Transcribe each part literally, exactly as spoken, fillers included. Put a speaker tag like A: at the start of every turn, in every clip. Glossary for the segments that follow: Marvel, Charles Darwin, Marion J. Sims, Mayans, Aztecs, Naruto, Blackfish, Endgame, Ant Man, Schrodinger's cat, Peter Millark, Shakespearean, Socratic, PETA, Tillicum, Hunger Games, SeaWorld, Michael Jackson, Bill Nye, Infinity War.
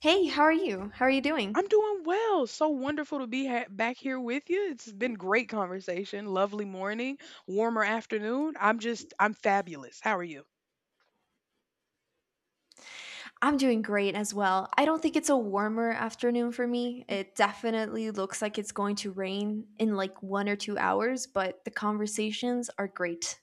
A: Hey, how are you? How are you doing?
B: I'm doing well. So wonderful to be ha- back here with you. It's been great conversation. Lovely morning, warmer afternoon. I'm just, I'm fabulous. How are you?
A: I'm doing great as well. I don't think it's a warmer afternoon for me. It definitely looks like it's going to rain in like one or two hours, but the conversations are great.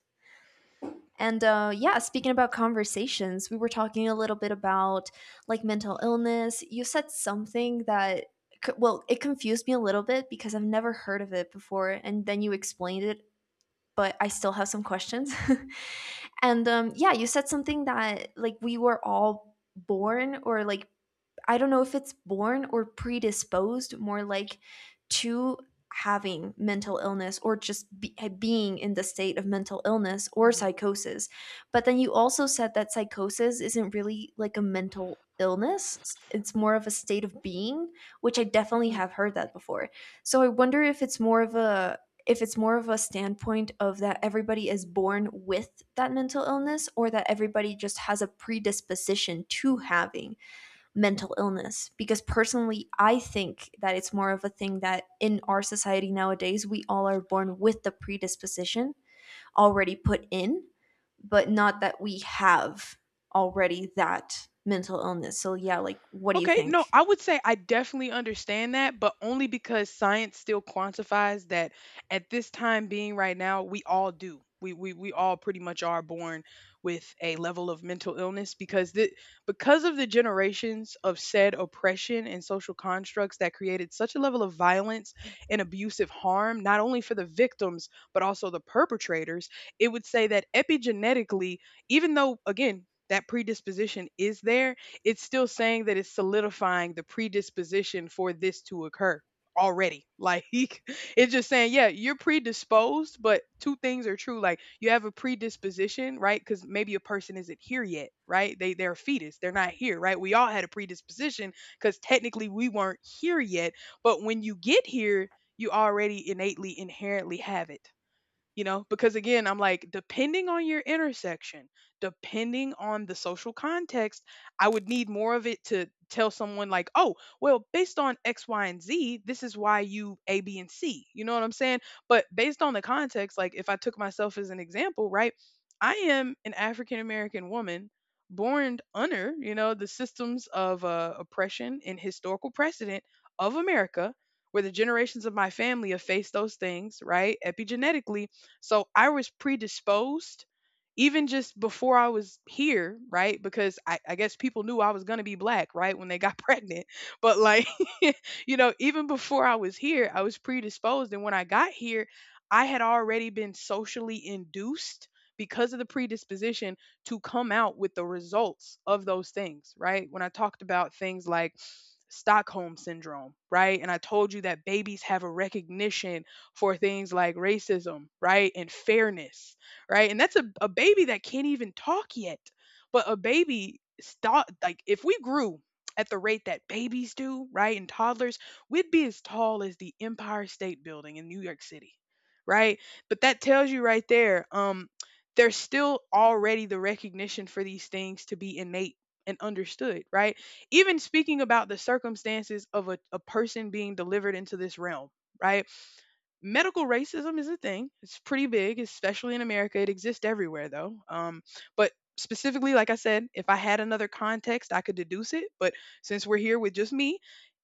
A: And uh, yeah, speaking about conversations, we were talking a little bit about like mental illness. You said something that, c- well, it confused me a little bit because I've never heard of it before. And then you explained it but I still have some questions. and um, yeah, you said something that like we were all born or like I don't know if it's born or predisposed more like to having mental illness or just be, being in the state of mental illness or
B: Hmm.
A: psychosis. But then you also said that psychosis isn't really like a mental illness, it's more of a state of being, which I definitely have heard that before. So I wonder if it's more of a if it's more of a standpoint of that everybody is born with that mental illness or that everybody just has a predisposition to having mental illness, because personally I think that it's more of a thing that in our society nowadays we all are born with the predisposition already put in, but not that we have already that mental illness. So yeah, like, what do you
B: Okay, no,
A: think?
B: I would say I definitely understand that, but only because science still quantifies that at this time being right now, we all do. We we we all pretty much are born with a level of mental illness because the because of the generations of said oppression and social constructs that created such a level of violence and abusive harm, not only for the victims, but also the perpetrators. It would say that epigenetically, even though again, that predisposition is there, it's still saying that it's solidifying the predisposition for this to occur already. Like, it's just saying, yeah, you're predisposed, but two things are true. Like, you have a predisposition, right? Because maybe a person isn't here yet, right? They they're a fetus, they're not here, right? We all had a predisposition because technically we weren't here yet. But when you get here, you already innately inherently have it. You know, because again, I'm like, depending on your intersection, depending on the social context, I would need more of it to tell someone, like, oh, well, based on X Y and Z, this is why you A B and C. You know what I'm saying? But based on the context, like, if I took myself as an example, right, I am an African American woman born under, you know, the systems of uh, oppression and historical precedent of America, where the generations of my family have faced those things, right? Epigenetically, so I was predisposed even just before I was here, right? Because I, I guess people knew I was going to be black, right? When they got pregnant. But like, you know, even before I was here, I was predisposed. And when I got here, I had already been socially induced because of the predisposition to come out with the results of those things, right? When I talked about things like Stockholm syndrome, right? And I told you that babies have a recognition for things like racism, right? And fairness, right? And that's a, a baby that can't even talk yet. But a baby stop, like, if we grew at the rate that babies do, right? And toddlers, we'd be as tall as the Empire State Building in New York City, right? But that tells you right there, um, there's still already the recognition for these things to be innate and understood, right? Even speaking about the circumstances of a, a person being delivered into this realm, right? Medical racism is a thing. It's pretty big, especially in America. It exists everywhere, though. Um, but specifically, like I said, if I had another context, I could deduce it. But since we're here with just me,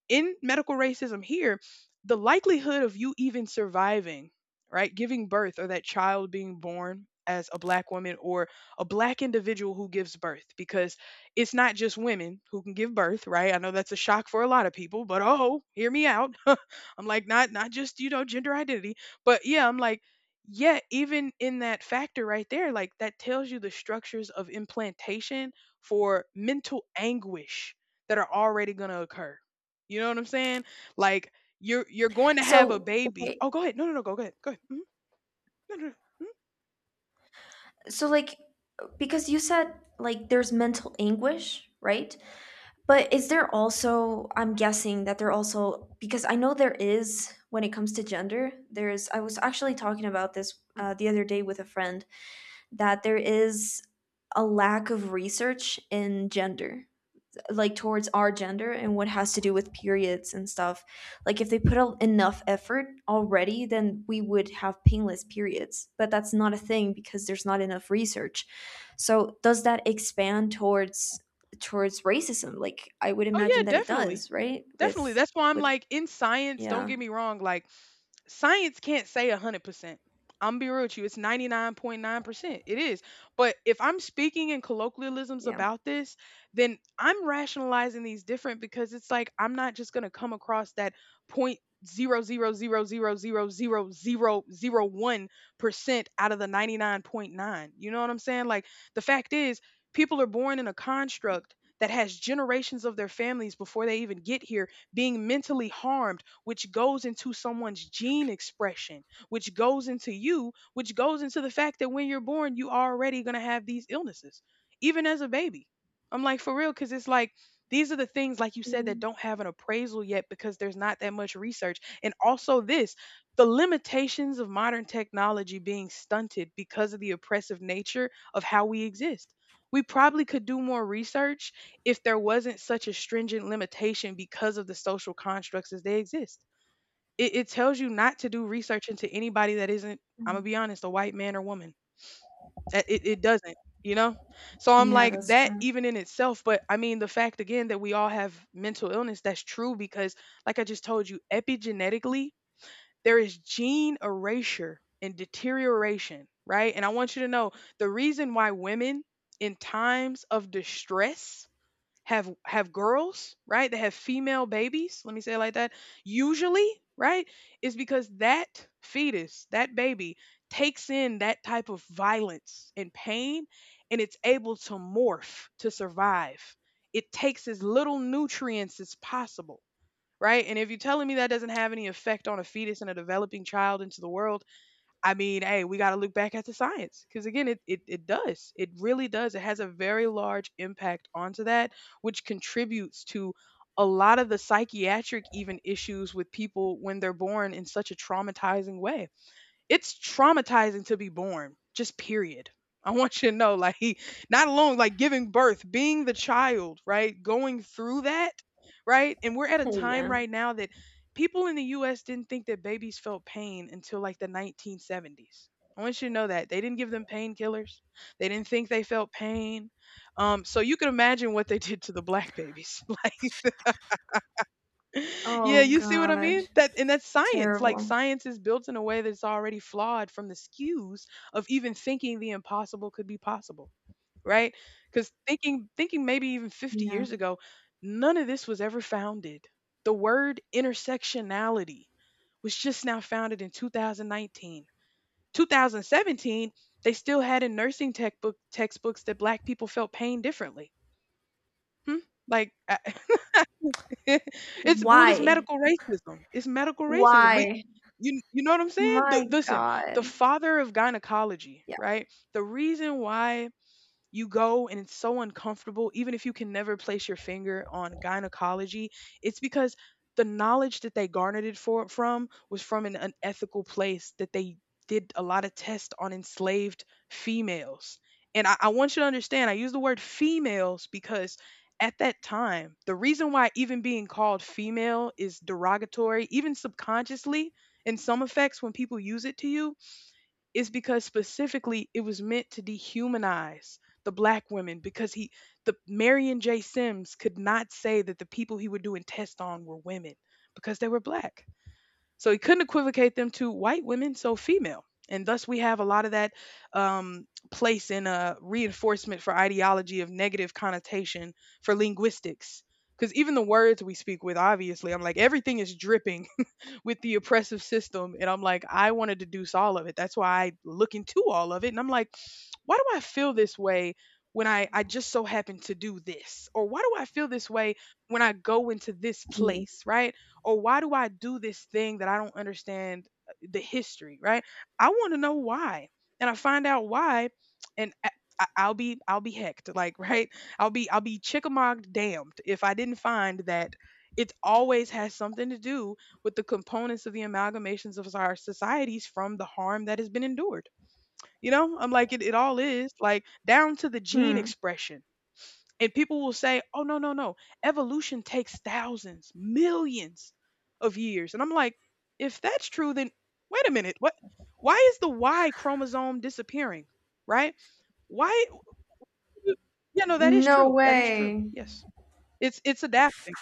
B: in medical racism here, the likelihood of you even surviving, right, giving birth or that child being born as a black woman or a black individual who gives birth, because it's not just women who can give birth, right? I know that's a shock for a lot of people, but, oh, hear me out. I'm like, not not just, you know, gender identity, but yeah, I'm like, yeah, even in that factor right there, like, that tells you the structures of implantation for mental anguish that are already going to occur, you know what I'm saying? Like, you're you're going to have a
A: So
B: baby.
A: wait,
B: Oh, go ahead. No, no, no. Go, go ahead. Go ahead. Mhm. No, no, no. Mhm.
A: so like, because you said like there's mental anguish, right? But is there also, I'm guessing that there also, because I know there is when it comes to gender, there's, I was actually talking about this uh,
B: Mhm.
A: the other day with a friend, that there is a lack of research in gender, like towards our gender and what has to do with periods and stuff. Like if they put a, enough effort already, then we would have painless periods. But that's not a thing because there's not enough research. So does that expand towards towards racism? Like I would
B: Oh
A: imagine
B: yeah,
A: that it
B: definitely,
A: does, right?
B: definitely.
A: With
B: That's why I'm
A: with
B: like, in science, don't
A: yeah,
B: get me wrong. Like, science can't say one hundred percent. I'm be real with you, it's ninety-nine point nine percent. It is. But if I'm speaking in colloquialisms
A: yeah.
B: about this, then I'm rationalizing these different, because it's like I'm not just going to come across that point zero zero zero zero zero zero zero zero one percent out of the ninety-nine point nine, you know what I'm saying? Like, the fact is, people are born in a construct that has generations of their families before they even get here being mentally harmed, which goes into someone's gene expression, which goes into you, which goes into the fact that when you're born, you already going to have these illnesses, even as a baby. I'm like, for real, because it's like, these are the things, like you said, that
A: Mm,
B: don't have an appraisal yet because there's not that much research. And also, this the limitations of modern technology being stunted because of the oppressive nature of how we exist. We probably could do more research if there wasn't such a stringent limitation because of the social constructs as they exist. It, it tells you not to do research into anybody that isn't, I'm going to be
A: mm.
B: honest, a white man or woman. That- It, it doesn't, you know? So I'm
A: Yeah,
B: like,
A: that's
B: that
A: true.
B: even in itself, but I mean, the fact again that we all have mental illness, that's true because, like I just told you, epigenetically, there is gene erasure and deterioration, right? And I want you to know the reason why women in times of distress have have girls, right? That have female babies, let me say it like that. Usually, right? Is because that fetus, that baby takes in that type of violence and pain and it's able to morph to survive. It takes as little nutrients as possible, right? And if you're telling me that doesn't have any effect on a fetus and a developing child into the world, I mean, hey, we got to look back at the science because again, it, it it does. It really does. It has a very large impact onto that, which contributes to a lot of the psychiatric even issues with people when they're born in such a traumatizing way. It's traumatizing to be born just period. I want you to know, like, he, not alone like giving birth, being the child, right, going through that, right? And we're at a
A: Oh
B: time
A: yeah.
B: right now that people in the U S didn't think that babies felt pain until like the nineteen seventies. I want you to know that they didn't give them painkillers, they didn't think they felt pain. Um, so you can imagine what they did to the black babies. Like, yeah,
A: Oh
B: you see what I
A: god.
B: mean? That, and that's science. Like,
A: Terrible.
B: science is built in a way that's already flawed from the skews of even thinking the impossible could be possible, right? Because thinking thinking maybe even fifty
A: Yeah.
B: years ago, none of this was ever founded. The word intersectionality was just now founded in two thousand nineteen. two thousand seventeen, they still had in nursing tech book textbooks that black people felt pain differently. Hmm? Like, I, it's, well, it's
A: Why?
B: medical racism. It's medical racism. We,
A: Why?
B: you, you know what I'm saying? The,
A: My
B: listen, the
A: god.
B: father of gynecology, right? The reason why you go and it's so uncomfortable, even if you can never place your finger on gynecology, it's because the knowledge that they garnered it for, from was from an unethical place, that they did a lot of tests on enslaved females. And I, I want you to understand, I use the word females because at that time, the reason why even being called female is derogatory, even subconsciously in some effects when people use it to you, is because specifically it was meant to dehumanize the black women. Because he the Marion J. Sims could not say that the people he would do a test on were women because they were black. So he couldn't equivocate them to white women, so female. And thus we have a lot of that um, place in a reinforcement for ideology of negative connotation for linguistics. Because even the words we speak with, obviously, I'm like, everything is dripping with the oppressive system. And I'm like, I wanted to deuce all of it. That's why I look into all of it. And I'm like, why do I feel this way when I, I just so happen to do this? Or why do I feel this way when I go into this
A: Yes.
B: place, right? Or why do I do this thing that I don't understand uh, the history, right? I want to know why. And I find out why, and I, I- I'll be I'll be hecked, like, right? I'll be I'll be chickamogged damned if I didn't find that it always has something to do with the components of the amalgamations of our societies from the harm that has been endured. You know, I'm like, it, it all is like down to the gene
A: Hmm.
B: expression. And people will say, oh, no, no, no. Evolution takes thousands, millions of years. And I'm like, if that's true, then wait a minute. What? Why is the Y chromosome disappearing? Right? Why? Yeah, no, that is
A: No
B: true. That is true.
A: way.
B: Yes. It's it's adapting.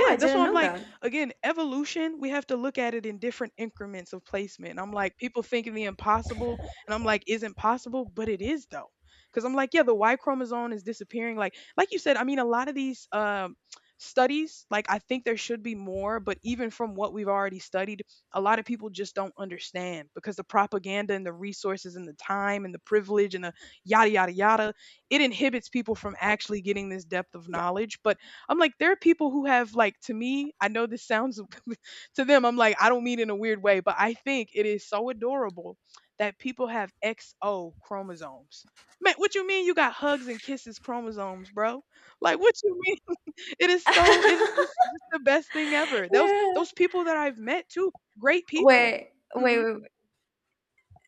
A: Oh, I
B: that's
A: didn't
B: why I'm
A: know
B: like,
A: that.
B: again, evolution, we have to look at it in different increments of placement. I'm like, people think the impossible, and I'm like, isn't possible, but it is though. Because I'm like, yeah, the Y chromosome is disappearing. Like, like you said, I mean, a lot of these um, studies, like, I think there should be more, but even from what we've already studied, a lot of people just don't understand because the propaganda and the resources and the time and the privilege and the yada, yada, yada, it inhibits people from actually getting this depth of knowledge. But I'm like, there are people who have like to me, I know this sounds to them, I'm like, I don't mean in a weird way, but I think it is so adorable that people have X O chromosomes. Man, what you mean you got hugs and kisses chromosomes, bro? Like what you mean? It is so it is just, just the best thing ever. Those
A: Yeah.
B: those people that I've met too, great people.
A: Wait, wait,
B: Mhm.
A: wait. wait.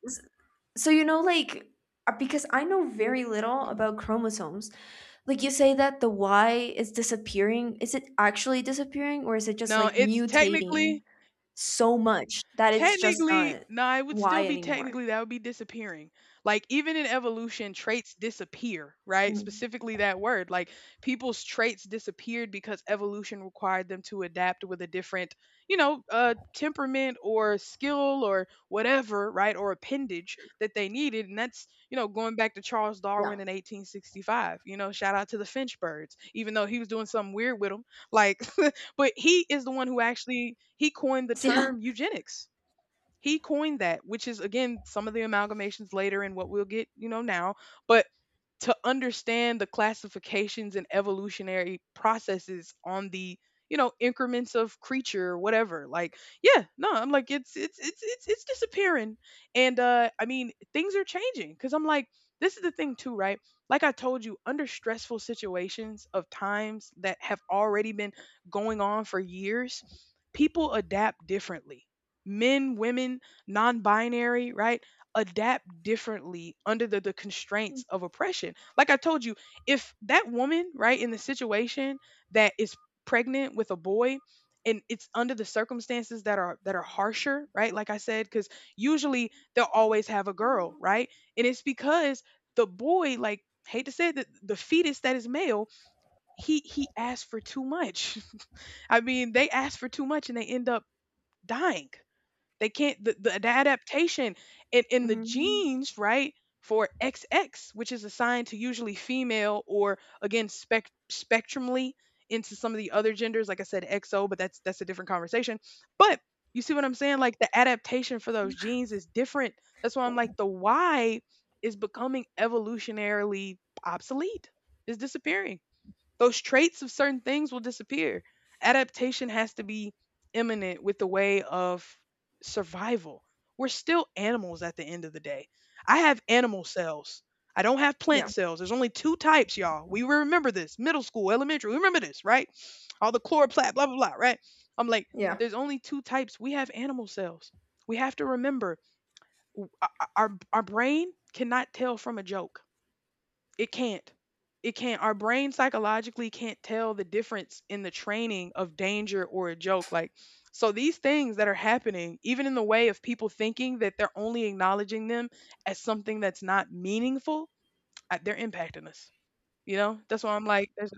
A: S- So you know, like, uh, because I know very little
B: Mhm.
A: about chromosomes. Like, you say that the Y is disappearing. Is it actually disappearing, or is it just
B: No,
A: like
B: it's
A: mutating
B: technically.
A: so much that it's just
B: Technically,
A: not
B: no, it would still
A: Y
B: be
A: anymore?
B: technically that would be disappearing. Like even in evolution, traits disappear, right?
A: Mm.
B: Specifically that word. Like people's traits disappeared because evolution required them to adapt with a different, you know, uh temperament or skill or whatever, right? Or appendage that they needed. And that's, you know, going back to Charles
A: Yeah.
B: Darwin in eighteen sixty-five. You know, shout out to the finch birds, even though he was doing something weird with them. Like but he is the one who actually he coined the
A: Yeah.
B: term eugenics. He coined that, which is again some of the amalgamations later and what we'll get, you know, now. But to understand the classifications and evolutionary processes on the, you know, increments of creature or whatever, like, yeah, no, I'm like it's it's it's it's, it's disappearing, and uh I mean things are changing, because I'm like, this is the thing too, right? Like I told you, under stressful situations of times that have already been going on for years, people adapt differently. Men, women, non-binary, right, adapt differently under the, the constraints of oppression. Like I told you, if that woman, right, in the situation that is pregnant with a boy, and it's under the circumstances that are that are harsher, right? Like I said, because usually they'll always have a girl, right? And it's because the boy, like, hate to say it, the, the fetus that is male, he he asked for too much. I mean, they asked for too much and they end up dying. They can't, the, the, the adaptation in, in the
A: Mhm.
B: genes, right? For X X, which is assigned to usually female, or again spec spectrumly into some of the other genders, like I said, X O, but that's that's a different conversation. But you see what I'm saying? Like the adaptation for those genes is different. That's why I'm like the Y is becoming evolutionarily obsolete. Is disappearing. Those traits of certain things will disappear. Adaptation has to be imminent with the way of survival. We're still animals at the end of the day. I have animal cells. I don't have
A: Yeah.
B: plant cells. There's only two types, y'all. We remember this. Middle school, elementary. We remember this, right? All the chloroplast, blah, blah, blah, right? I'm like,
A: Yeah.
B: there's only two types. We have animal cells. We have to remember w- o- o- our, our brain cannot tell from a joke. It can't. It can't. Our brain psychologically can't tell the difference in the training of danger or a joke. Like, so these things that are happening, even in the way of people thinking that they're only acknowledging them as something that's not meaningful, uh, they're impacting us. You know, that's why I'm like, there's,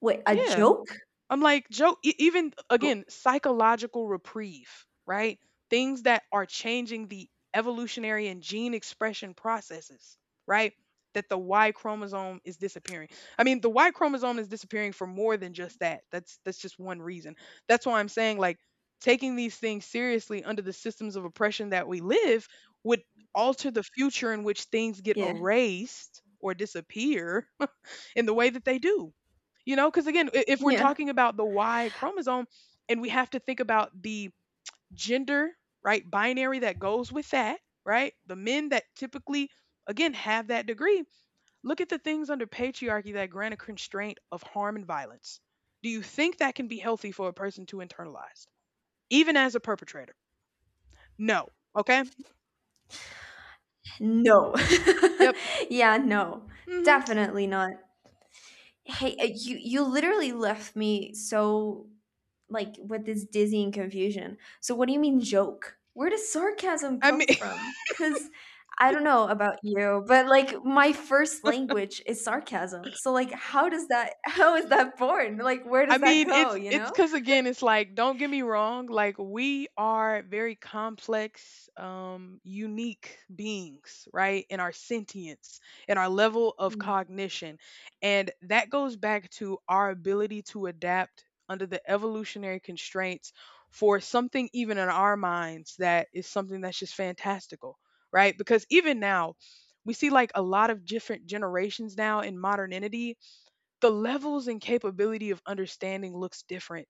A: Wait, a
B: yeah.
A: joke?
B: I'm like, Joe, e- even
A: Oh,
B: again, psychological reprieve, right? Things that are changing the evolutionary and gene expression processes, right? That the Y chromosome is disappearing. I mean, the Y chromosome is disappearing for more than just that. That's that's just one reason. That's why I'm saying, like, taking these things seriously under the systems of oppression that we live would alter the future in which things get
A: yeah.
B: erased or disappear in the way that they do. You know, because again, i- if we're
A: Yeah.
B: talking about the Y chromosome and we have to think about the gender, right, binary that goes with that, right, the men that typically, again, have that degree, look at the things under patriarchy that grant a constraint of harm and violence. Do you think that can be healthy for a person to internalize, even as a perpetrator? No. Okay.
A: No.
B: Yep.
A: Yeah, no.
B: Hmm.
A: Definitely not. Hey, uh, you you literally left me so like with this dizzying confusion. So what do you mean joke? Where does sarcasm
B: I
A: come
B: mean,
A: from? Cuz I don't know about you, but like my first language is sarcasm. So like how does that how is that born? Like where
B: I
A: does that
B: mean,
A: go,
B: it's
A: you
B: it's
A: know?
B: because again, it's like, don't get me wrong, like, we are very complex, um, unique beings, right? In our sentience, in our level of
A: Mm.
B: cognition, and that goes back to our ability to adapt under the evolutionary constraints for something even in our minds that is something that's just fantastical, right? Because even now, we see like a lot of different generations now in modernity, the levels and capability of understanding looks different.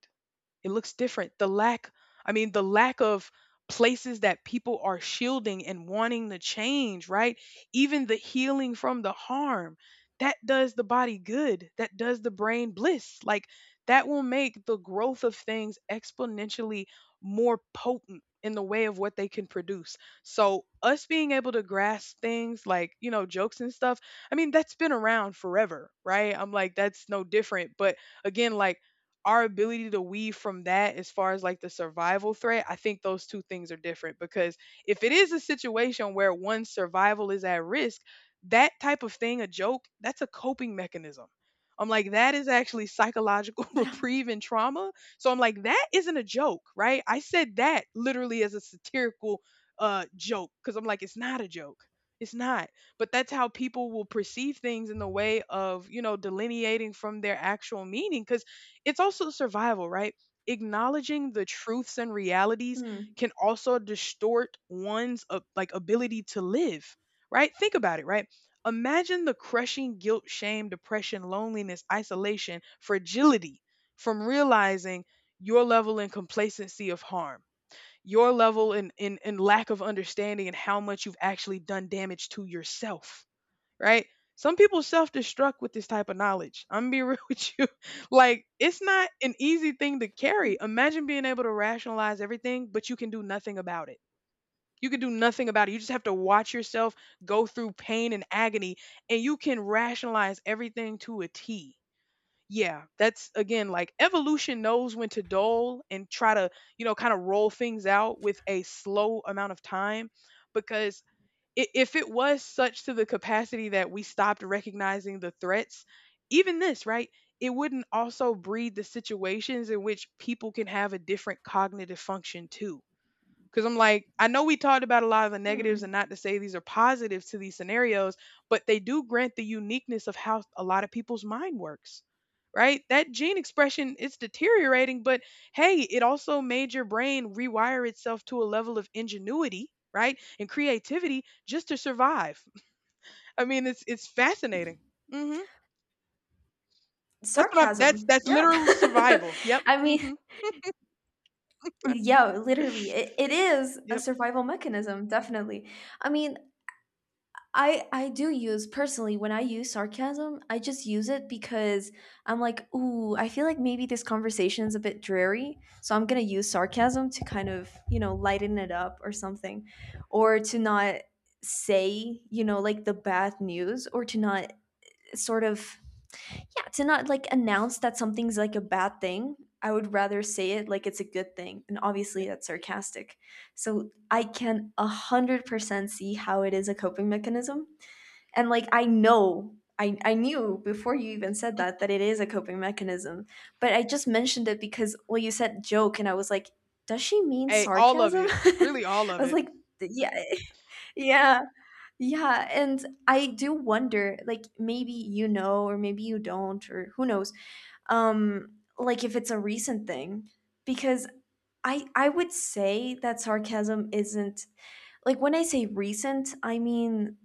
B: It looks different. The lack, I mean, the lack of places that people are shielding and wanting to change, right? Even the healing from the harm that does the body good, that does the brain bliss. Like, that will make the growth of things exponentially more potent in the way of what they can produce. So, us being able to grasp things like, you know, jokes and stuff, I mean, that's been around forever, right? I'm like, that's no different. But again, like, our ability to weave from that as far as like the survival threat, I think those two things are different because if it is a situation where one's survival is at risk, that type of thing, a joke, that's a coping mechanism. I'm like, that is actually psychological
A: Yeah.
B: reprieve and trauma. So I'm like, that isn't a joke, right? I said that literally as a satirical uh, joke because I'm like, it's not a joke. It's not. But that's how people will perceive things in the way of, you know, delineating from their actual meaning. It's also survival, right? Acknowledging the truths and realities
A: Hmm.
B: can also distort one's uh, like ability to live, right? Think about it, right? Imagine the crushing guilt, shame, depression, loneliness, isolation, fragility from realizing your level in complacency of harm, your level in, in, in lack of understanding and how much you've actually done damage to yourself, right? Some people self destruct with this type of knowledge. I'm gonna be real with you. Like, it's not an easy thing to carry. Imagine being able to rationalize everything, but you can do nothing about it. You can do nothing about it. You just have to watch yourself go through pain and agony, and you can rationalize everything to a T. Yeah, that's again like evolution knows when to dull and try to, you know, kind of roll things out with a slow amount of time, because i- if it was such to the capacity that we stopped recognizing the threats, even this, right? It wouldn't also breed the situations in which people can have a different cognitive function too, because I'm like, I know we talked about a lot of the negatives,
A: Mm.
B: and not to say these are positives to these scenarios, but they do grant the uniqueness of how a lot of people's mind works, right? That gene expression is deteriorating, but hey, it also made your brain rewire itself to a level of ingenuity, right? And creativity just to survive. I mean, it's it's fascinating. Hmm. That's what I'm. That's
A: Sarcasm.
B: that's
A: Yeah.
B: literal survival. Yep.
A: I mean,
B: Hmm.
A: yeah, literally, it, it is a
B: Yep.
A: survival mechanism, definitely. I mean, I I do use, personally, when I use sarcasm, I just use it because I'm like, ooh, I feel like maybe this conversation is a bit dreary, so I'm gonna use sarcasm to kind of, you know, lighten it up or something, or to not say, you know, like the bad news, or to not sort of, yeah, to not like announce that something's like a bad thing. I would rather say it like it's a good thing. And obviously,
B: Yep.
A: that's sarcastic. So I can one hundred percent see how it is a coping mechanism. And like, I know, I, I knew before you even said that, that it is a coping mechanism. But I just mentioned it because, well, you said joke, and I was like, does she mean
B: Hey, all of
A: sarcasm?
B: it.
A: I
B: Really, all of
A: was
B: it.
A: like, yeah, yeah. Yeah, and I do wonder, like maybe you know, or maybe you don't, or who knows, um like if it's a recent thing, because i i would say that sarcasm isn't, like when I say recent I mean,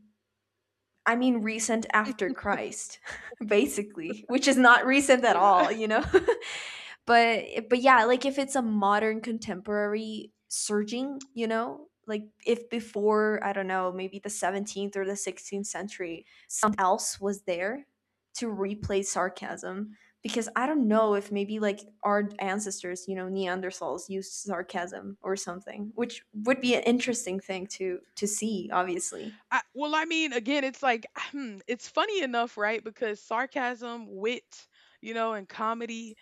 A: I mean recent after Christ basically, which is not recent at all, you know. But eh, but yeah, like if it's a modern contemporary surging, you know, like if before, I don't know, maybe the seventeenth or the sixteenth century something else was there to replace sarcasm, because I don't know if maybe like our ancestors, you know, neanderthals used sarcasm or something, which would be an interesting thing to to see, obviously.
B: I, well, I mean, again, it's like, hmm, it's funny enough, right? Because sarcasm, wit, you know, and comedy,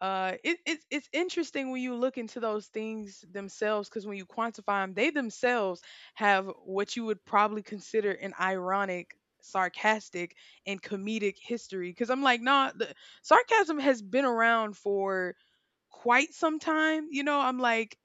B: uh, it, it's it's interesting when you look into those things themselves, because when you quantify them, they themselves have what you would probably consider an ironic, sarcastic, and comedic history. Because I'm like, nah, the, sarcasm has been around for quite some time. You know, I'm like.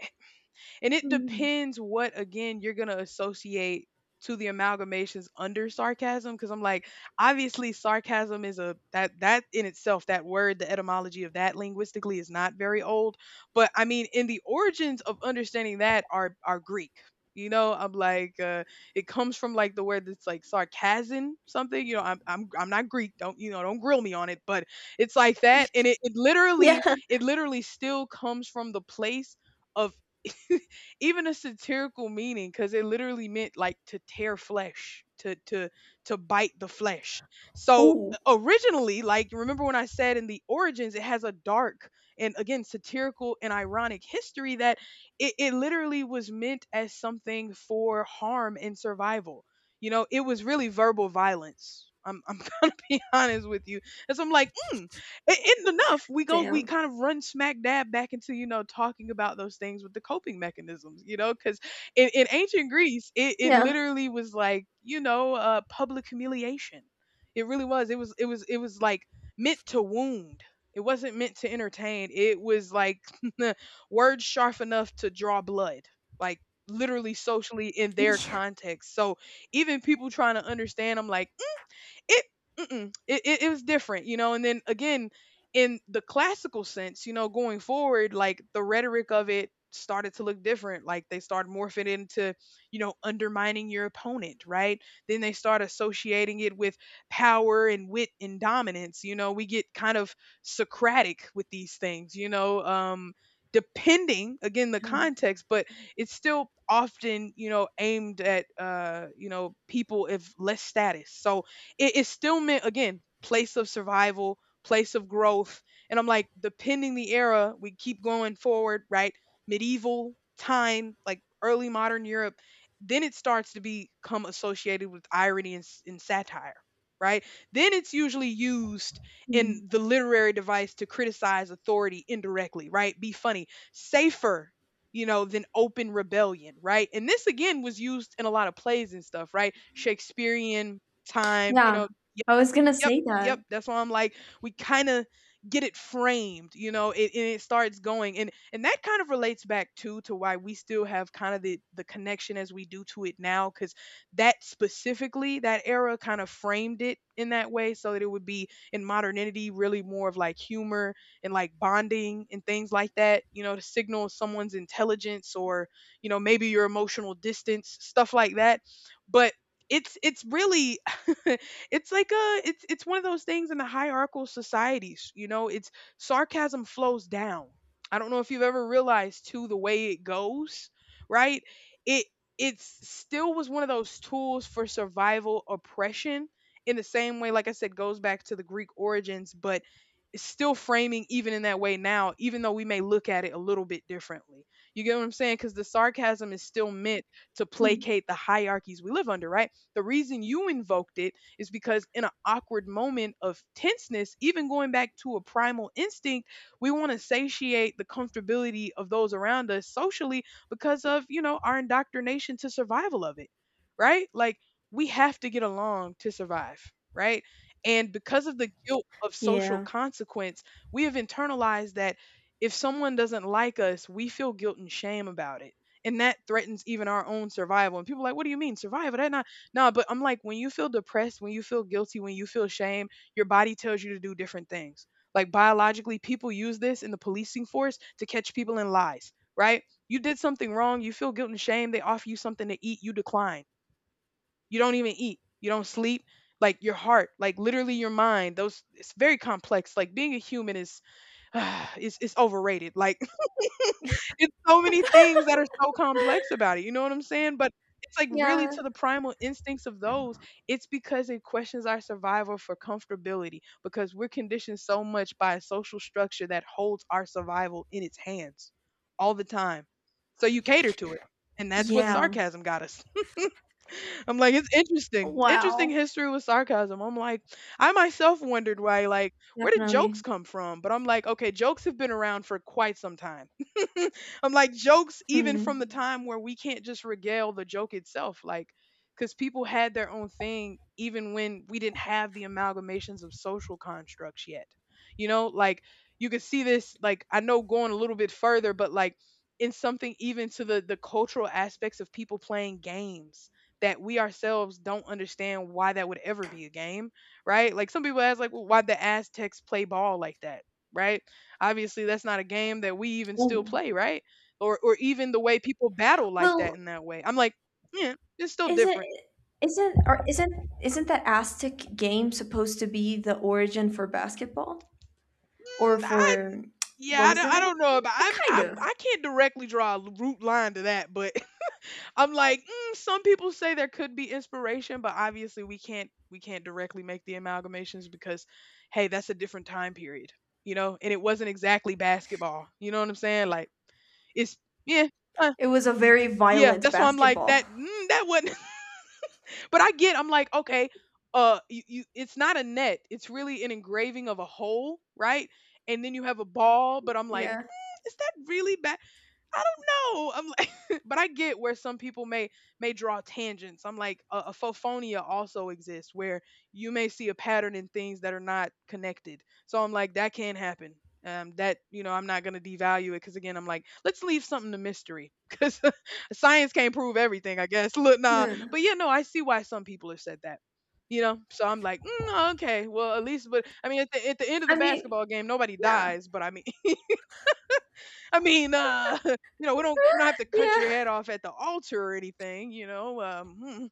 B: And it
A: Mm.
B: depends what again you're gonna associate to the amalgamations under sarcasm. 'Cause I'm like, obviously sarcasm is a that that in itself, that word, the etymology of that linguistically is not very old. But I mean, in the origins of understanding that are are Greek. You know, I'm like, uh, it comes from like the word that's like sarcasm, something. You know, I'm I'm I'm not Greek. Don't you know? Don't grill me on it. But it's like that, and it, it
A: Yeah.
B: literally it literally still comes from the place of even a satirical meaning because it literally meant like to tear flesh to to to bite the flesh. So
A: Oh.
B: uh, originally like remember when i said in the origins it has a dark and again satirical and ironic history, that it, it literally was meant as something for harm and survival. You know it was really verbal violence, i'm, I'm gonna be honest with you. And so I'm like, "Hmm, it isn't enough. We go, we
A: Damn.
B: kind of run smack dab back into, you know, talking about those things with the coping mechanisms, you know, because in, in ancient Greece, it, it
A: Yeah.
B: literally was like, you know, uh, public humiliation." It really was. It was, it was, it was like meant to wound. It wasn't meant to entertain. It was like words sharp enough to draw blood, like literally socially in their
A: Yeah.
B: context. So even people trying to understand, I'm like, it mm-mm, it, it it was different, you know. And then again, in the classical sense, you know, going forward, like the rhetoric of it started to look different. Like they started morphing into, you know, undermining your opponent, right? Then they start associating it with power and wit and dominance. You know, we get kind of Socratic with these things, you know. Um, depending again the context, but it's still often, you know, aimed at uh you know people of less status, so it, it still meant again place of survival, place of growth, and I'm like depending the era we keep going forward, right? Medieval time, like early modern Europe, then it starts to become associated with irony and, s- and satire, right? Then it's usually used
A: Mm.
B: in the literary device to criticize authority indirectly, right? Be funny, safer, you know, than open rebellion, right? And this again was used in a lot of plays and stuff, right? Shakespearean time, you
A: Yeah,
B: know.
A: I was gonna
B: Yep,
A: say that.
B: yep. That's why I'm like, we kind of get it framed, you know, it, and it starts going, and and that kind of relates back too to why we still have kind of the the connection as we do to it now, because that specifically that era kind of framed it in that way, so that it would be in modernity really more of like humor and like bonding and things like that, you know, to signal someone's intelligence or you know maybe your emotional distance, stuff like that, but. It's it's really It's like a it's it's one of those things in the hierarchical societies, you know, it's sarcasm flows down. I don't know if you've ever realized too the way it goes, right? It it's still was one of those tools for survival oppression in the same way like I said goes back to the Greek origins, but it's still framing even in that way now, even though we may look at it a little bit differently. You get what I'm saying? Because the sarcasm is still meant to
A: Mm.
B: placate the hierarchies we live under, right? The reason you invoked it is because in an awkward moment of tenseness, even going back to a primal instinct, we want to satiate the comfortability of those around us socially because of, you know, our indoctrination to survival of it, right? Like we have to get along to survive, right? And because of the guilt of social
A: Yeah.
B: consequence, we have internalized that if someone doesn't like us, we feel guilt and shame about it. And that threatens even our own survival. And people are like, what do you mean survival? That not No, but I'm like, when you feel depressed, when you feel guilty, when you feel shame, your body tells you to do different things. Like biologically, people use this in the policing force to catch people in lies, right? You did something wrong, you feel guilt and shame, they offer you something to eat, you decline. You don't even eat, you don't sleep. Like your heart, like literally your mind, those it's very complex. Like being a human is, is is overrated. Like it's so many things that are so complex about it. You know what I'm saying? But it's like really
A: Yeah.
B: to the primal instincts of those. It's because it questions our survival for comfortability because we're conditioned so much by a social structure that holds our survival in its hands all the time. So you cater to it. And that's what
A: Yeah.
B: sarcasm got us. I'm like, it's interesting. Interesting
A: Wow.
B: history with sarcasm. I'm like, I myself wondered why, like, where did jokes
A: Definitely.
B: come from? But I'm like, okay, jokes have been around for quite some time. I'm like, jokes, even from the
A: Hmm.
B: time where we can't just regale the joke itself, like, because people had their own thing even when we didn't have the amalgamations of social constructs yet. You know, like, you could see this, like, I know going a little bit further, but like, in something even to the the cultural aspects of people playing games that we ourselves don't understand why that would ever be a game, right? Like some people ask, like, well, why the Aztecs play ball like that, right? Obviously, that's not a game that we even still
A: Oh.
B: play, right? Or or even the way people battle like that
A: Well,
B: in that way. I'm like, yeah, it's still
A: isn't
B: different.
A: isn't or isn't isn't that Aztec game supposed to be the origin for basketball? Or
B: Mm, I
A: for
B: yeah,
A: what
B: I
A: was
B: don't,
A: the
B: I
A: name?
B: don't know about
A: Uh,
B: I'm
A: Kind
B: I
A: of.
B: I can't directly draw a root line to that, but I'm like, mm, some people say there could be inspiration, but obviously we can't we can't directly make the amalgamations because hey, that's a different time period, you know, and it wasn't exactly basketball. You know what I'm saying? Like it's yeah, uh,
A: It was a very
B: yeah.
A: violent
B: That's why I'm like
A: basketball.
B: that. Mm, that wasn't. But I get. I'm like, okay, uh, you, you it's not a net. It's really an engraving of a hole, right? And then you have a ball, but I'm like,
A: Yeah.
B: "Mm, is that really bad? I don't know." I'm like, but I get where some people may may draw tangents. I'm like, a, a phofonia also exists where you may see a pattern in things that are not connected. So I'm like, that can happen. Um, that, you know, I'm not gonna devalue it because again, I'm like, let's leave something to mystery because science can't prove everything. I guess. Look, nah,
A: Yeah.
B: but yeah, no, I see why some people have said that. You know, so I'm like, mm, okay, well, at least, but I mean, at the, at the end of
A: I
B: the
A: mean,
B: basketball game, nobody
A: yeah.
B: dies, but I mean. I mean, uh, you know, we don't we don't have to cut your
A: Yeah,
B: head off at the altar or anything, you know. Um, hmm,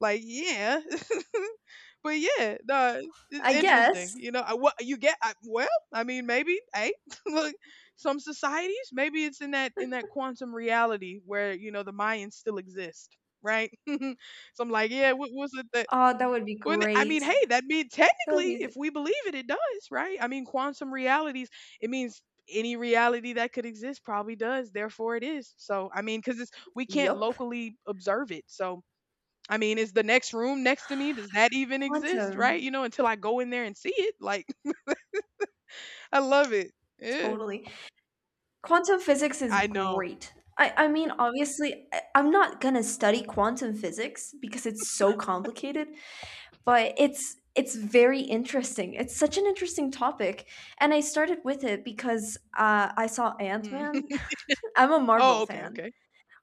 B: like yeah, but yeah, no,
A: I
B: it's interesting.
A: guess.
B: You know, I, what you get? I, well, I mean, maybe hey, look, some societies, maybe it's in that in that quantum reality where you know the Mayans still exist, right? So I'm like, yeah, what was it that
A: Oh, that would be
B: well, th- I
A: great.
B: mean, hey, that means
A: That would
B: technically,
A: be
B: if we believe it, it does, right? I mean, quantum realities, it means any reality that could exist probably does. Therefore, it is. So, I mean, because it's we can't
A: yup.
B: locally observe it. So, I mean, is the next room next to me? Does that even exist, right?
A: Quantum.
B: You know, until I go in there and see it. Like, I love it. Yeah,
A: Totally. Quantum physics is
B: I know.
A: great. I, I mean, obviously, I, I'm not gonna study quantum physics because it's so complicated, but it's it's very interesting. It's such an interesting topic, and I started with it because uh, I saw Ant
B: Mm.
A: Man. I'm a Marvel
B: Oh, okay,
A: fan.
B: okay.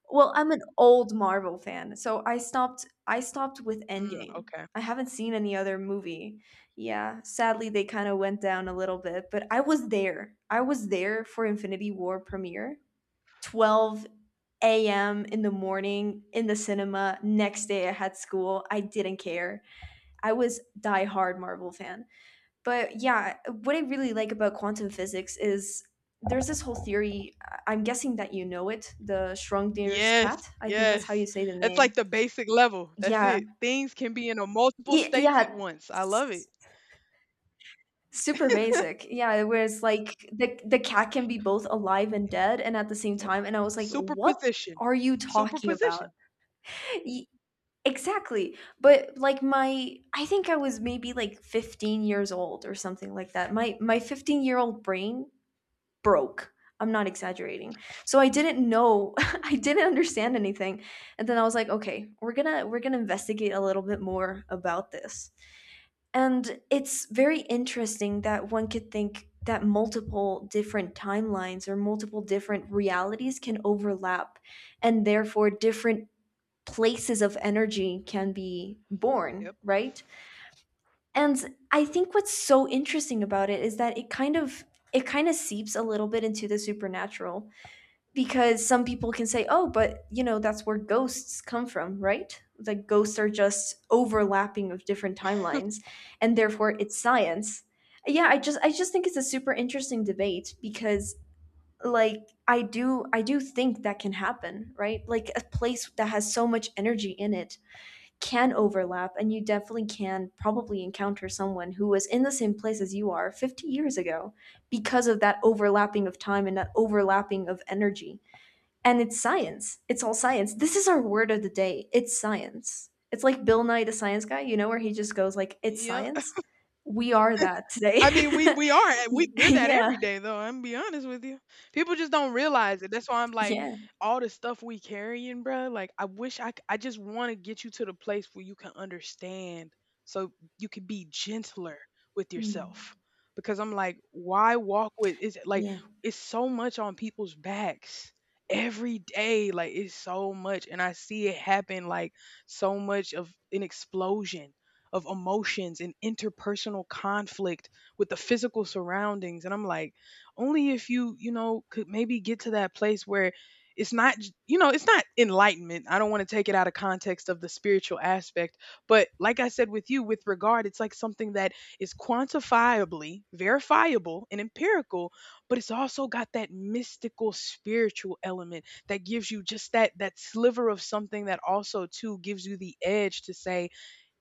A: Well, I'm an old Marvel fan, so I stopped. I stopped with
B: Mm,
A: Endgame.
B: okay.
A: I haven't seen any other movie. Yeah, sadly, they kind of went down a little bit, but I was there. I was there for Infinity War premiere, twelve a m in the morning in the cinema. Next day I had school. I didn't care. I was diehard Marvel fan. But yeah, what I really like about quantum physics is there's this whole theory. I- am guessing that you know it, the Schrodinger's
B: Yes,
A: cat. I think that's how you
B: yes.
A: say the
B: That's
A: name.
B: like the basic level. That's
A: Yeah.
B: it. Things can be in a multiple
A: Y-
B: states at
A: yeah.
B: once. I love
A: S-
B: it.
A: Super basic. Yeah, where it's like the the cat can be both alive and dead and at the same
B: Yep.
A: time, and I was like, "What
B: Superposition.
A: are you talking about?"
B: Superposition.
A: Exactly. But like my, I think I was maybe like fifteen years old or something like that. My my fifteen-year-old brain broke. I'm not exaggerating. So I didn't know. I didn't understand anything. And then I was like, okay, we're going to we're going to investigate a little bit more about this. And it's very interesting that one could think that multiple different timelines or multiple different realities can overlap, and therefore different places of energy can be
B: Yep.
A: born, right? And I think what's so interesting about it is that it kind of it kind of seeps a little bit into the supernatural, because some people can say, "Oh, but you know, that's where ghosts come from, right?" Like ghosts are just overlapping of different timelines, and therefore it's science. Yeah, I just I just think it's a super interesting debate because like I do I do think that can happen, right? Like a place that has so much energy in it can overlap, and you definitely can probably encounter someone who was in the same place as you are fifty years ago because of that overlapping of time and that overlapping of energy. And it's science, it's all science. This is our word of the day: it's science. It's like Bill Nye the Science Guy, you know, where he just goes like, it's
B: Yep.
A: science. We are that today.
B: I mean, we we are we
A: Y-
B: we're that
A: yeah,
B: every day though. I'm gonna be honest with you. People just don't realize it. That's why I'm like
A: yeah.
B: all the stuff we carrying, bruh. Like I wish I c- I just want to get you to the place where you can understand, so you can be gentler with
A: Mm.
B: yourself. Because I'm like, why walk with? Is it like
A: Yeah.
B: it's so much on people's backs every day? Like it's so much, and I see it happen. Like so much of an explosion of emotions and interpersonal conflict with the physical surroundings, and i'm like only if you you know could maybe get to that place where it's not j- you know it's not enlightenment. I don't want to take it out of context of the spiritual aspect, but like i said with you with regard it's like something that is quantifiably verifiable and empirical, but it's also got that mystical spiritual element that gives you just that that sliver of something that also too gives you the edge to say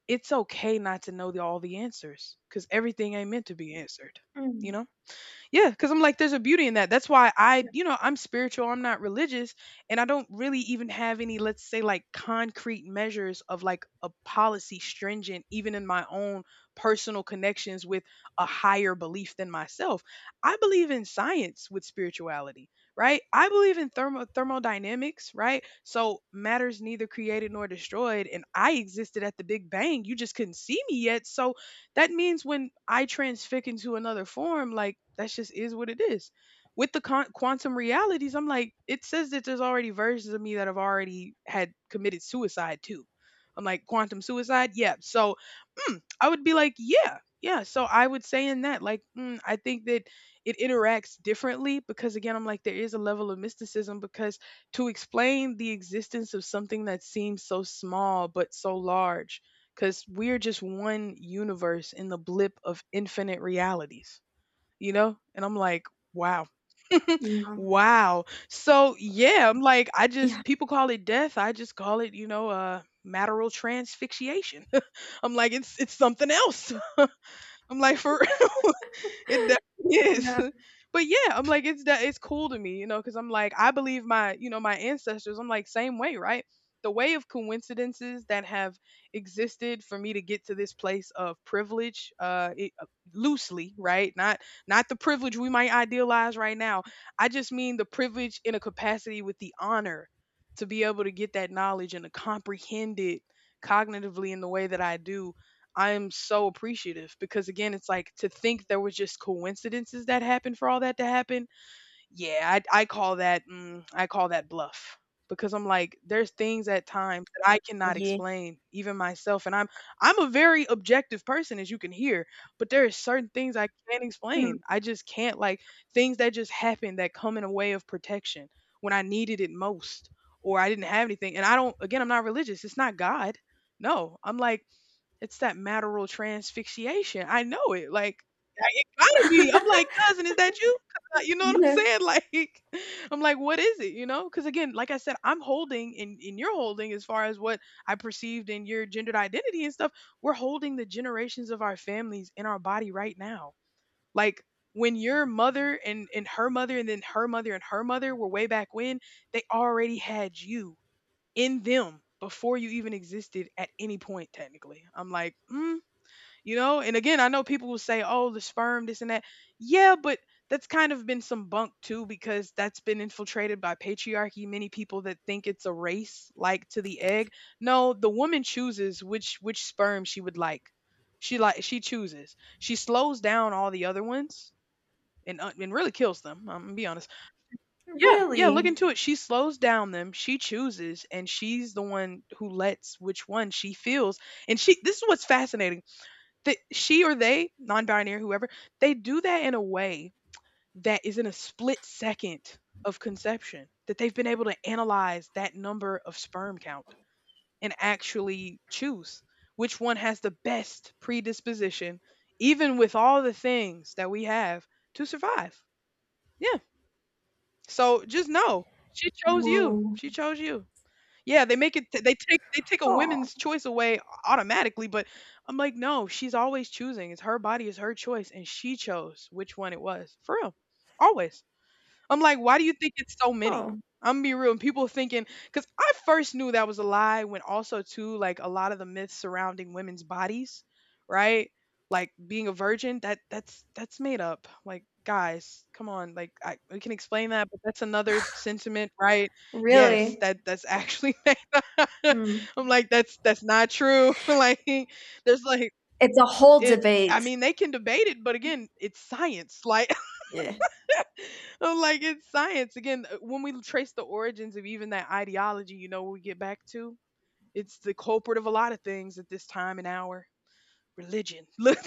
B: it's okay not to know the, all the answers because everything ain't meant to be answered, you
A: Mm.
B: know? Yeah, because I'm like, there's a beauty in that. That's why, I, you know, I'm spiritual, I'm not religious, and I don't really even have any, let's say, like concrete measures of like a policy stringent, even in my own personal connections with a higher belief than myself. I believe in science with spirituality, right? I believe in thermo- thermodynamics, right? So matters neither created nor destroyed, and I existed at the Big Bang. You just couldn't see me yet. So that means when I transfix into another form, like that just is what it is. With the con- quantum realities, I'm like, it says that there's already versions of me that have already had committed suicide too. I'm like, quantum suicide? Yeah. So "Hmm," I would be like, yeah, yeah. So I would say in that, like, mm, I think that it interacts differently because, again, I'm like, there is a level of mysticism because to explain the existence of something that seems so small but so large, because we're just one universe in the blip of infinite realities, you know? And I'm like, wow.
A: Yeah,
B: Wow. So yeah, I'm like, I
A: yeah,
B: just people call it death. I just call it, you know, uh matteral transfixiation. I'm like, it's it's something else. I'm like, for it definitely is.
A: yeah.
B: But yeah, I'm like, it's that it's cool to me, you know, because I'm like, I believe my, you know, my ancestors. I'm like, same way, right? The way of coincidences that have existed for me to get to this place of privilege, uh, it, uh, loosely, right? Not not the privilege we might idealize right now. I just mean the privilege in a capacity with the honor to be able to get that knowledge and to comprehend it cognitively in the way that I do. I'm so appreciative because again, it's like to think there was just coincidences that happened for all that to happen. Yeah, I I call that mm, I call that bluff because I'm like there's things at times that I cannot explain even myself, and I'm I'm a very objective person as you can hear, but there are certain things I can't
A: Mm.
B: explain. I just can't, like things that just happen that come in a way of protection when I needed it most, or I didn't have anything. And I don't, again, I'm not religious. It's not God. No, I'm like it's that maternal transfixiation. I know it. Like, I- it gotta be. I'm like, cousin, is that you? You know what I'm
A: Yeah.
B: saying? Like, I'm like, what is it? You know? Because again, like I said, I'm holding, and in your holding as far as what I perceived in your gendered identity and stuff. We're holding the generations of our families in our body right now. Like when your mother and and her mother and then her mother and her mother were way back when, they already had you in them before you even existed at any point technically. I'm like, mm, you know, and again, I know people will say oh, the sperm, this and that. Yeah, but that's kind of been some bunk too, because that's been infiltrated by patriarchy. Many people that think it's a race, like to the egg. No, the woman chooses which which sperm she would like. she like she chooses, she slows down all the other ones and, uh, and really kills them. I'm gonna be honest. Yeah, yeah, look
A: Really.
B: into it. She slows down them, she chooses, and she's the one who lets which one she feels. And she, this is what's fascinating. That she or they, non-binary, whoever, they do that in a way that is in a split second of conception. That they've been able to analyze that number of sperm count and actually choose which one has the best predisposition, even with all the things that we have to survive. Yeah. So just know, she chose you.
A: Whoa.
B: She chose you. Yeah, they make it. They take, they take a
A: Oh.
B: women's choice away automatically. But I'm like, no, she's always choosing. It's her body, is her choice, and she chose which one it was for real. Always. I'm like, why do you think it's so many?
A: Oh.
B: I'm gonna be real. And people thinking, because I first knew that was a lie when also too, like a lot of the myths surrounding women's bodies, right? Like being a virgin, that that's that's made up. Like guys, come on, like I, we can explain that, but that's another sentiment, right? Yes,
A: Really?
B: that that's actually made up.
A: Hmm.
B: I'm like, that's that's not true. like there's like
A: It's a whole
B: it. I
A: debate.
B: mean, they can debate it, but again, it's science. Like
A: Yeah.
B: I'm like, it's science. Again, uh, when we trace the origins of even that ideology, you know, what we get back to, it's the culprit of a lot of things at this time and hour: religion. Look.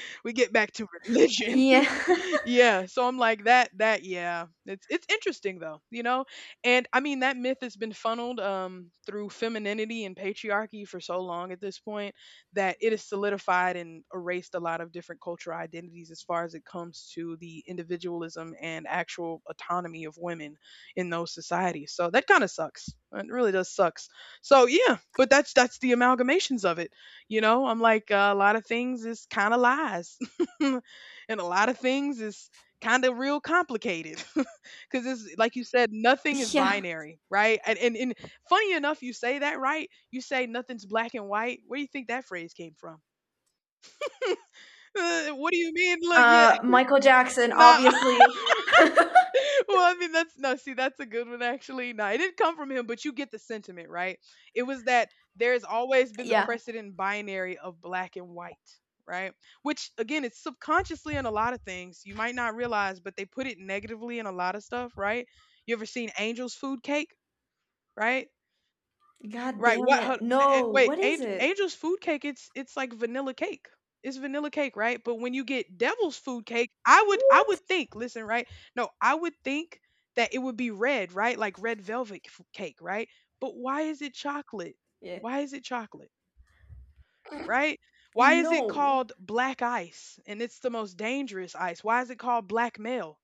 B: We get back to religion.
A: Yeah.
B: Yeah, so I'm like that that yeah. It's it's interesting though, you know? And I mean, that myth has been funneled um through femininity and patriarchy for so long at this point that it is solidified and erased a lot of different cultural identities as far as it comes to the individualism and actual autonomy of women in those societies. So that kind of sucks. It really does sucks. So yeah, but that's that's the amalgamations of it. You know, I'm like, uh, a lot of things is kind of lies, and a lot of things is kind of real complicated because it's like you said, nothing is
A: Yeah.
B: binary, right? And, and and funny enough, you say that, right? You say nothing's black and white. Where do you think that phrase came from? Uh, what do you mean? Look, yeah,
A: Uh, Michael Jackson,
B: nah.
A: obviously.
B: Well, I mean, that's no, see, that's a good one actually. No, it didn't come from him, but you get the sentiment, right? It was that there's always been the
A: Yeah.
B: precedent binary of black and white, right? Which again, it's subconsciously in a lot of things. You might not realize, but they put it negatively in a lot of stuff, right? You ever seen Angel's Food Cake, right?
A: God
B: Right,
A: damn
B: what hold
A: it.
B: a a
A: No.
B: wait,
A: What is
B: an
A: it?
B: Angel's food cake, it's it's like vanilla cake. It's vanilla cake, right? But when you get Devil's food cake, I would I
A: What?
B: would think, listen, right? No, I would think that it would be red, right? Like red velvet f cake, right? But why is it chocolate?
A: Yeah.
B: Why is it chocolate, right? Why is it
A: No.
B: called black ice? And it's the most dangerous ice. Why is it called black male?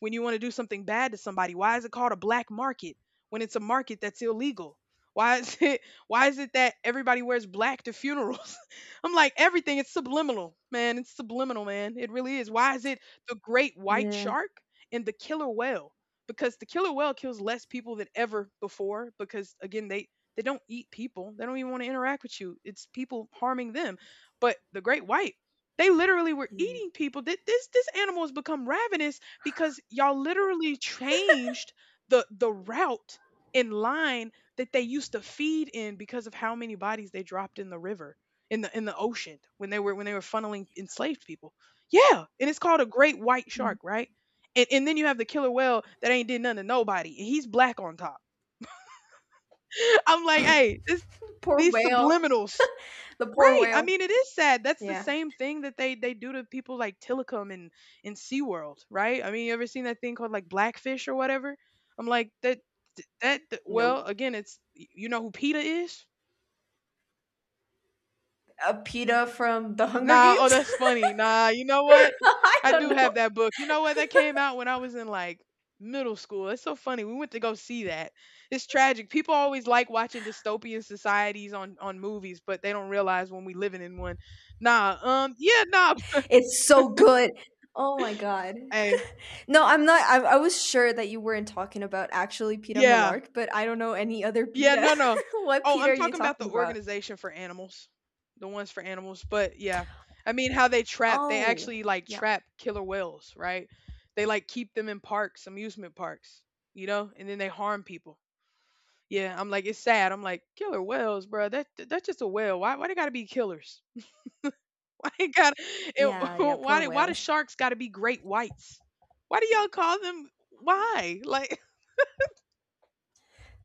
B: When you want to do something bad to somebody, why is it called a black market when it's a market that's illegal? Why is it why is it that everybody wears black to funerals? I'm like, everything, it's subliminal, man. It's subliminal, man. It really is. Why is it the great white
A: Yeah.
B: shark and the killer whale? Because the killer whale kills less people than ever before, because again, they they don't eat people. They don't even want to interact with you. It's people harming them. But the great white, they literally were
A: Yeah.
B: eating people. Th- This this animal has become ravenous because y'all literally changed the the route in line that they used to feed in, because of how many bodies they dropped in the river, in the in the ocean when they were, when they were funneling enslaved people. Yeah, and it's called a great white
A: Mm.
B: shark, right? And and then you have the killer whale that ain't did nothing to nobody, and he's black on top. I'm like, hey, this
A: Poor
B: these
A: whale.
B: subliminals.
A: The poor
B: Right. I
A: whale.
B: mean, it is sad. That's the
A: Yeah.
B: same thing that they they do to people like Tillicum and in SeaWorld, right? I mean, you ever seen that thing called like Blackfish or whatever? I'm like that that that-
A: Nope.
B: well, again, it's, you know who PETA is?
A: A PETA from the Hunger
B: Nah, oh
A: Games?
B: that's funny. Nah, you know what?
A: I
B: I do
A: don't know.
B: have that book. You know what? That came out when I was in like middle school. It's so funny. We went to go see that. It's tragic. People always like watching dystopian societies on on movies, but they don't realize when we living in one. Nah, um yeah, nah.
A: It's so good. Oh my god. No, I'm not. I, I was sure that you weren't talking about actually Peter
B: Yeah.
A: Millark, but I don't know any other
B: Yeah,
A: Peter.
B: no, no.
A: What
B: Oh,
A: Peter
B: I'm
A: are you
B: talking about
A: talking
B: the
A: about?
B: organization for animals. The ones for animals, but yeah. I mean how they trap, they
A: Oh,
B: actually like
A: yeah,
B: trap killer whales, right? They like keep them in parks, amusement parks, you know, and then they harm people. Yeah, I'm like it's sad. I'm like, killer whales, bro. That that's just a whale. Why why they gotta be killers? Why they got it,
A: yeah, yeah. Poor
B: why do why do
A: whales.
B: sharks gotta be great whites? Why do y'all call them why? Like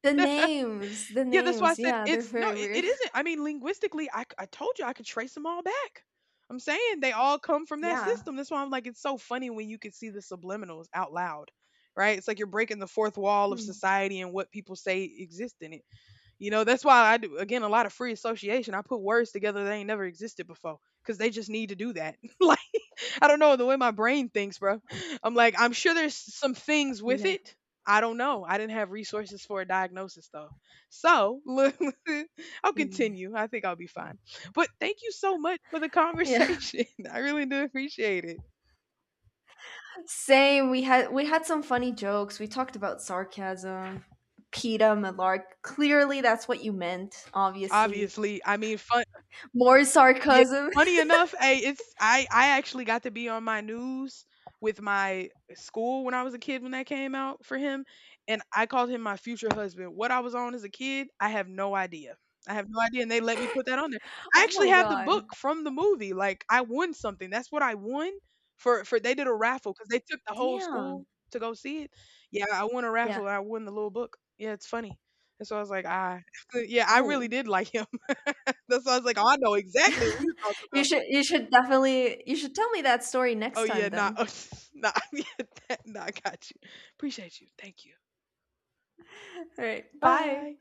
A: The names, the
B: yeah, that's why I
A: names.
B: said
A: Yeah, they're
B: it's no,
A: very
B: it,
A: weird.
B: it isn't. I mean, linguistically, I, c- I told you I could trace them all back. I'm saying they all come from that
A: Yeah.
B: system. That's why I'm like, it's so funny when you can see the subliminals out loud, right? It's like you're breaking the fourth wall of
A: Hmm.
B: society and what people say exist in it. You know, that's why I do, again, a lot of free association. I put words together that ain't never existed before because they just need to do that. Like, I don't know the way my brain thinks, bro. I'm like, I'm sure there's some things with
A: Yeah.
B: it. I don't know. I didn't have resources for a diagnosis though. So, look, I'll
A: Yeah.
B: continue. I think I'll be fine. But thank you so much for the
A: Yeah.
B: conversation. I really do appreciate it.
A: Same. We had we had some funny jokes. We talked about sarcasm. Peter Millark. Clearly, that's what you meant. Obviously,
B: Obviously, I mean, fun.
A: more
B: Yeah,
A: sarcasm.
B: funny enough, hey, it's I I actually got to be on my news with my school when I was a kid when that came out for him, and I called him my future husband. What I was on as a kid, I have no idea. I have no idea, and they let me put that on there. I
A: Oh
B: actually
A: my
B: have the
A: god.
B: book from the movie. Like I won something. That's what I won for for they did a raffle because they took the whole
A: Damn.
B: school to go see it. Yeah, I won a
A: Yeah.
B: raffle, and I won the little book. Yeah, it's funny. And so I was like, ah, yeah, I really
A: Oh,
B: did like him. That's why I was like, "Oh, I know exactly what you're talking
A: you
B: about."
A: should you should definitely you should tell me that story next
B: Oh yeah,
A: time
B: nah,
A: then.
B: nah, yeah, that, nah, I got you. Appreciate you. Thank you.
A: All right. Bye.
B: Bye.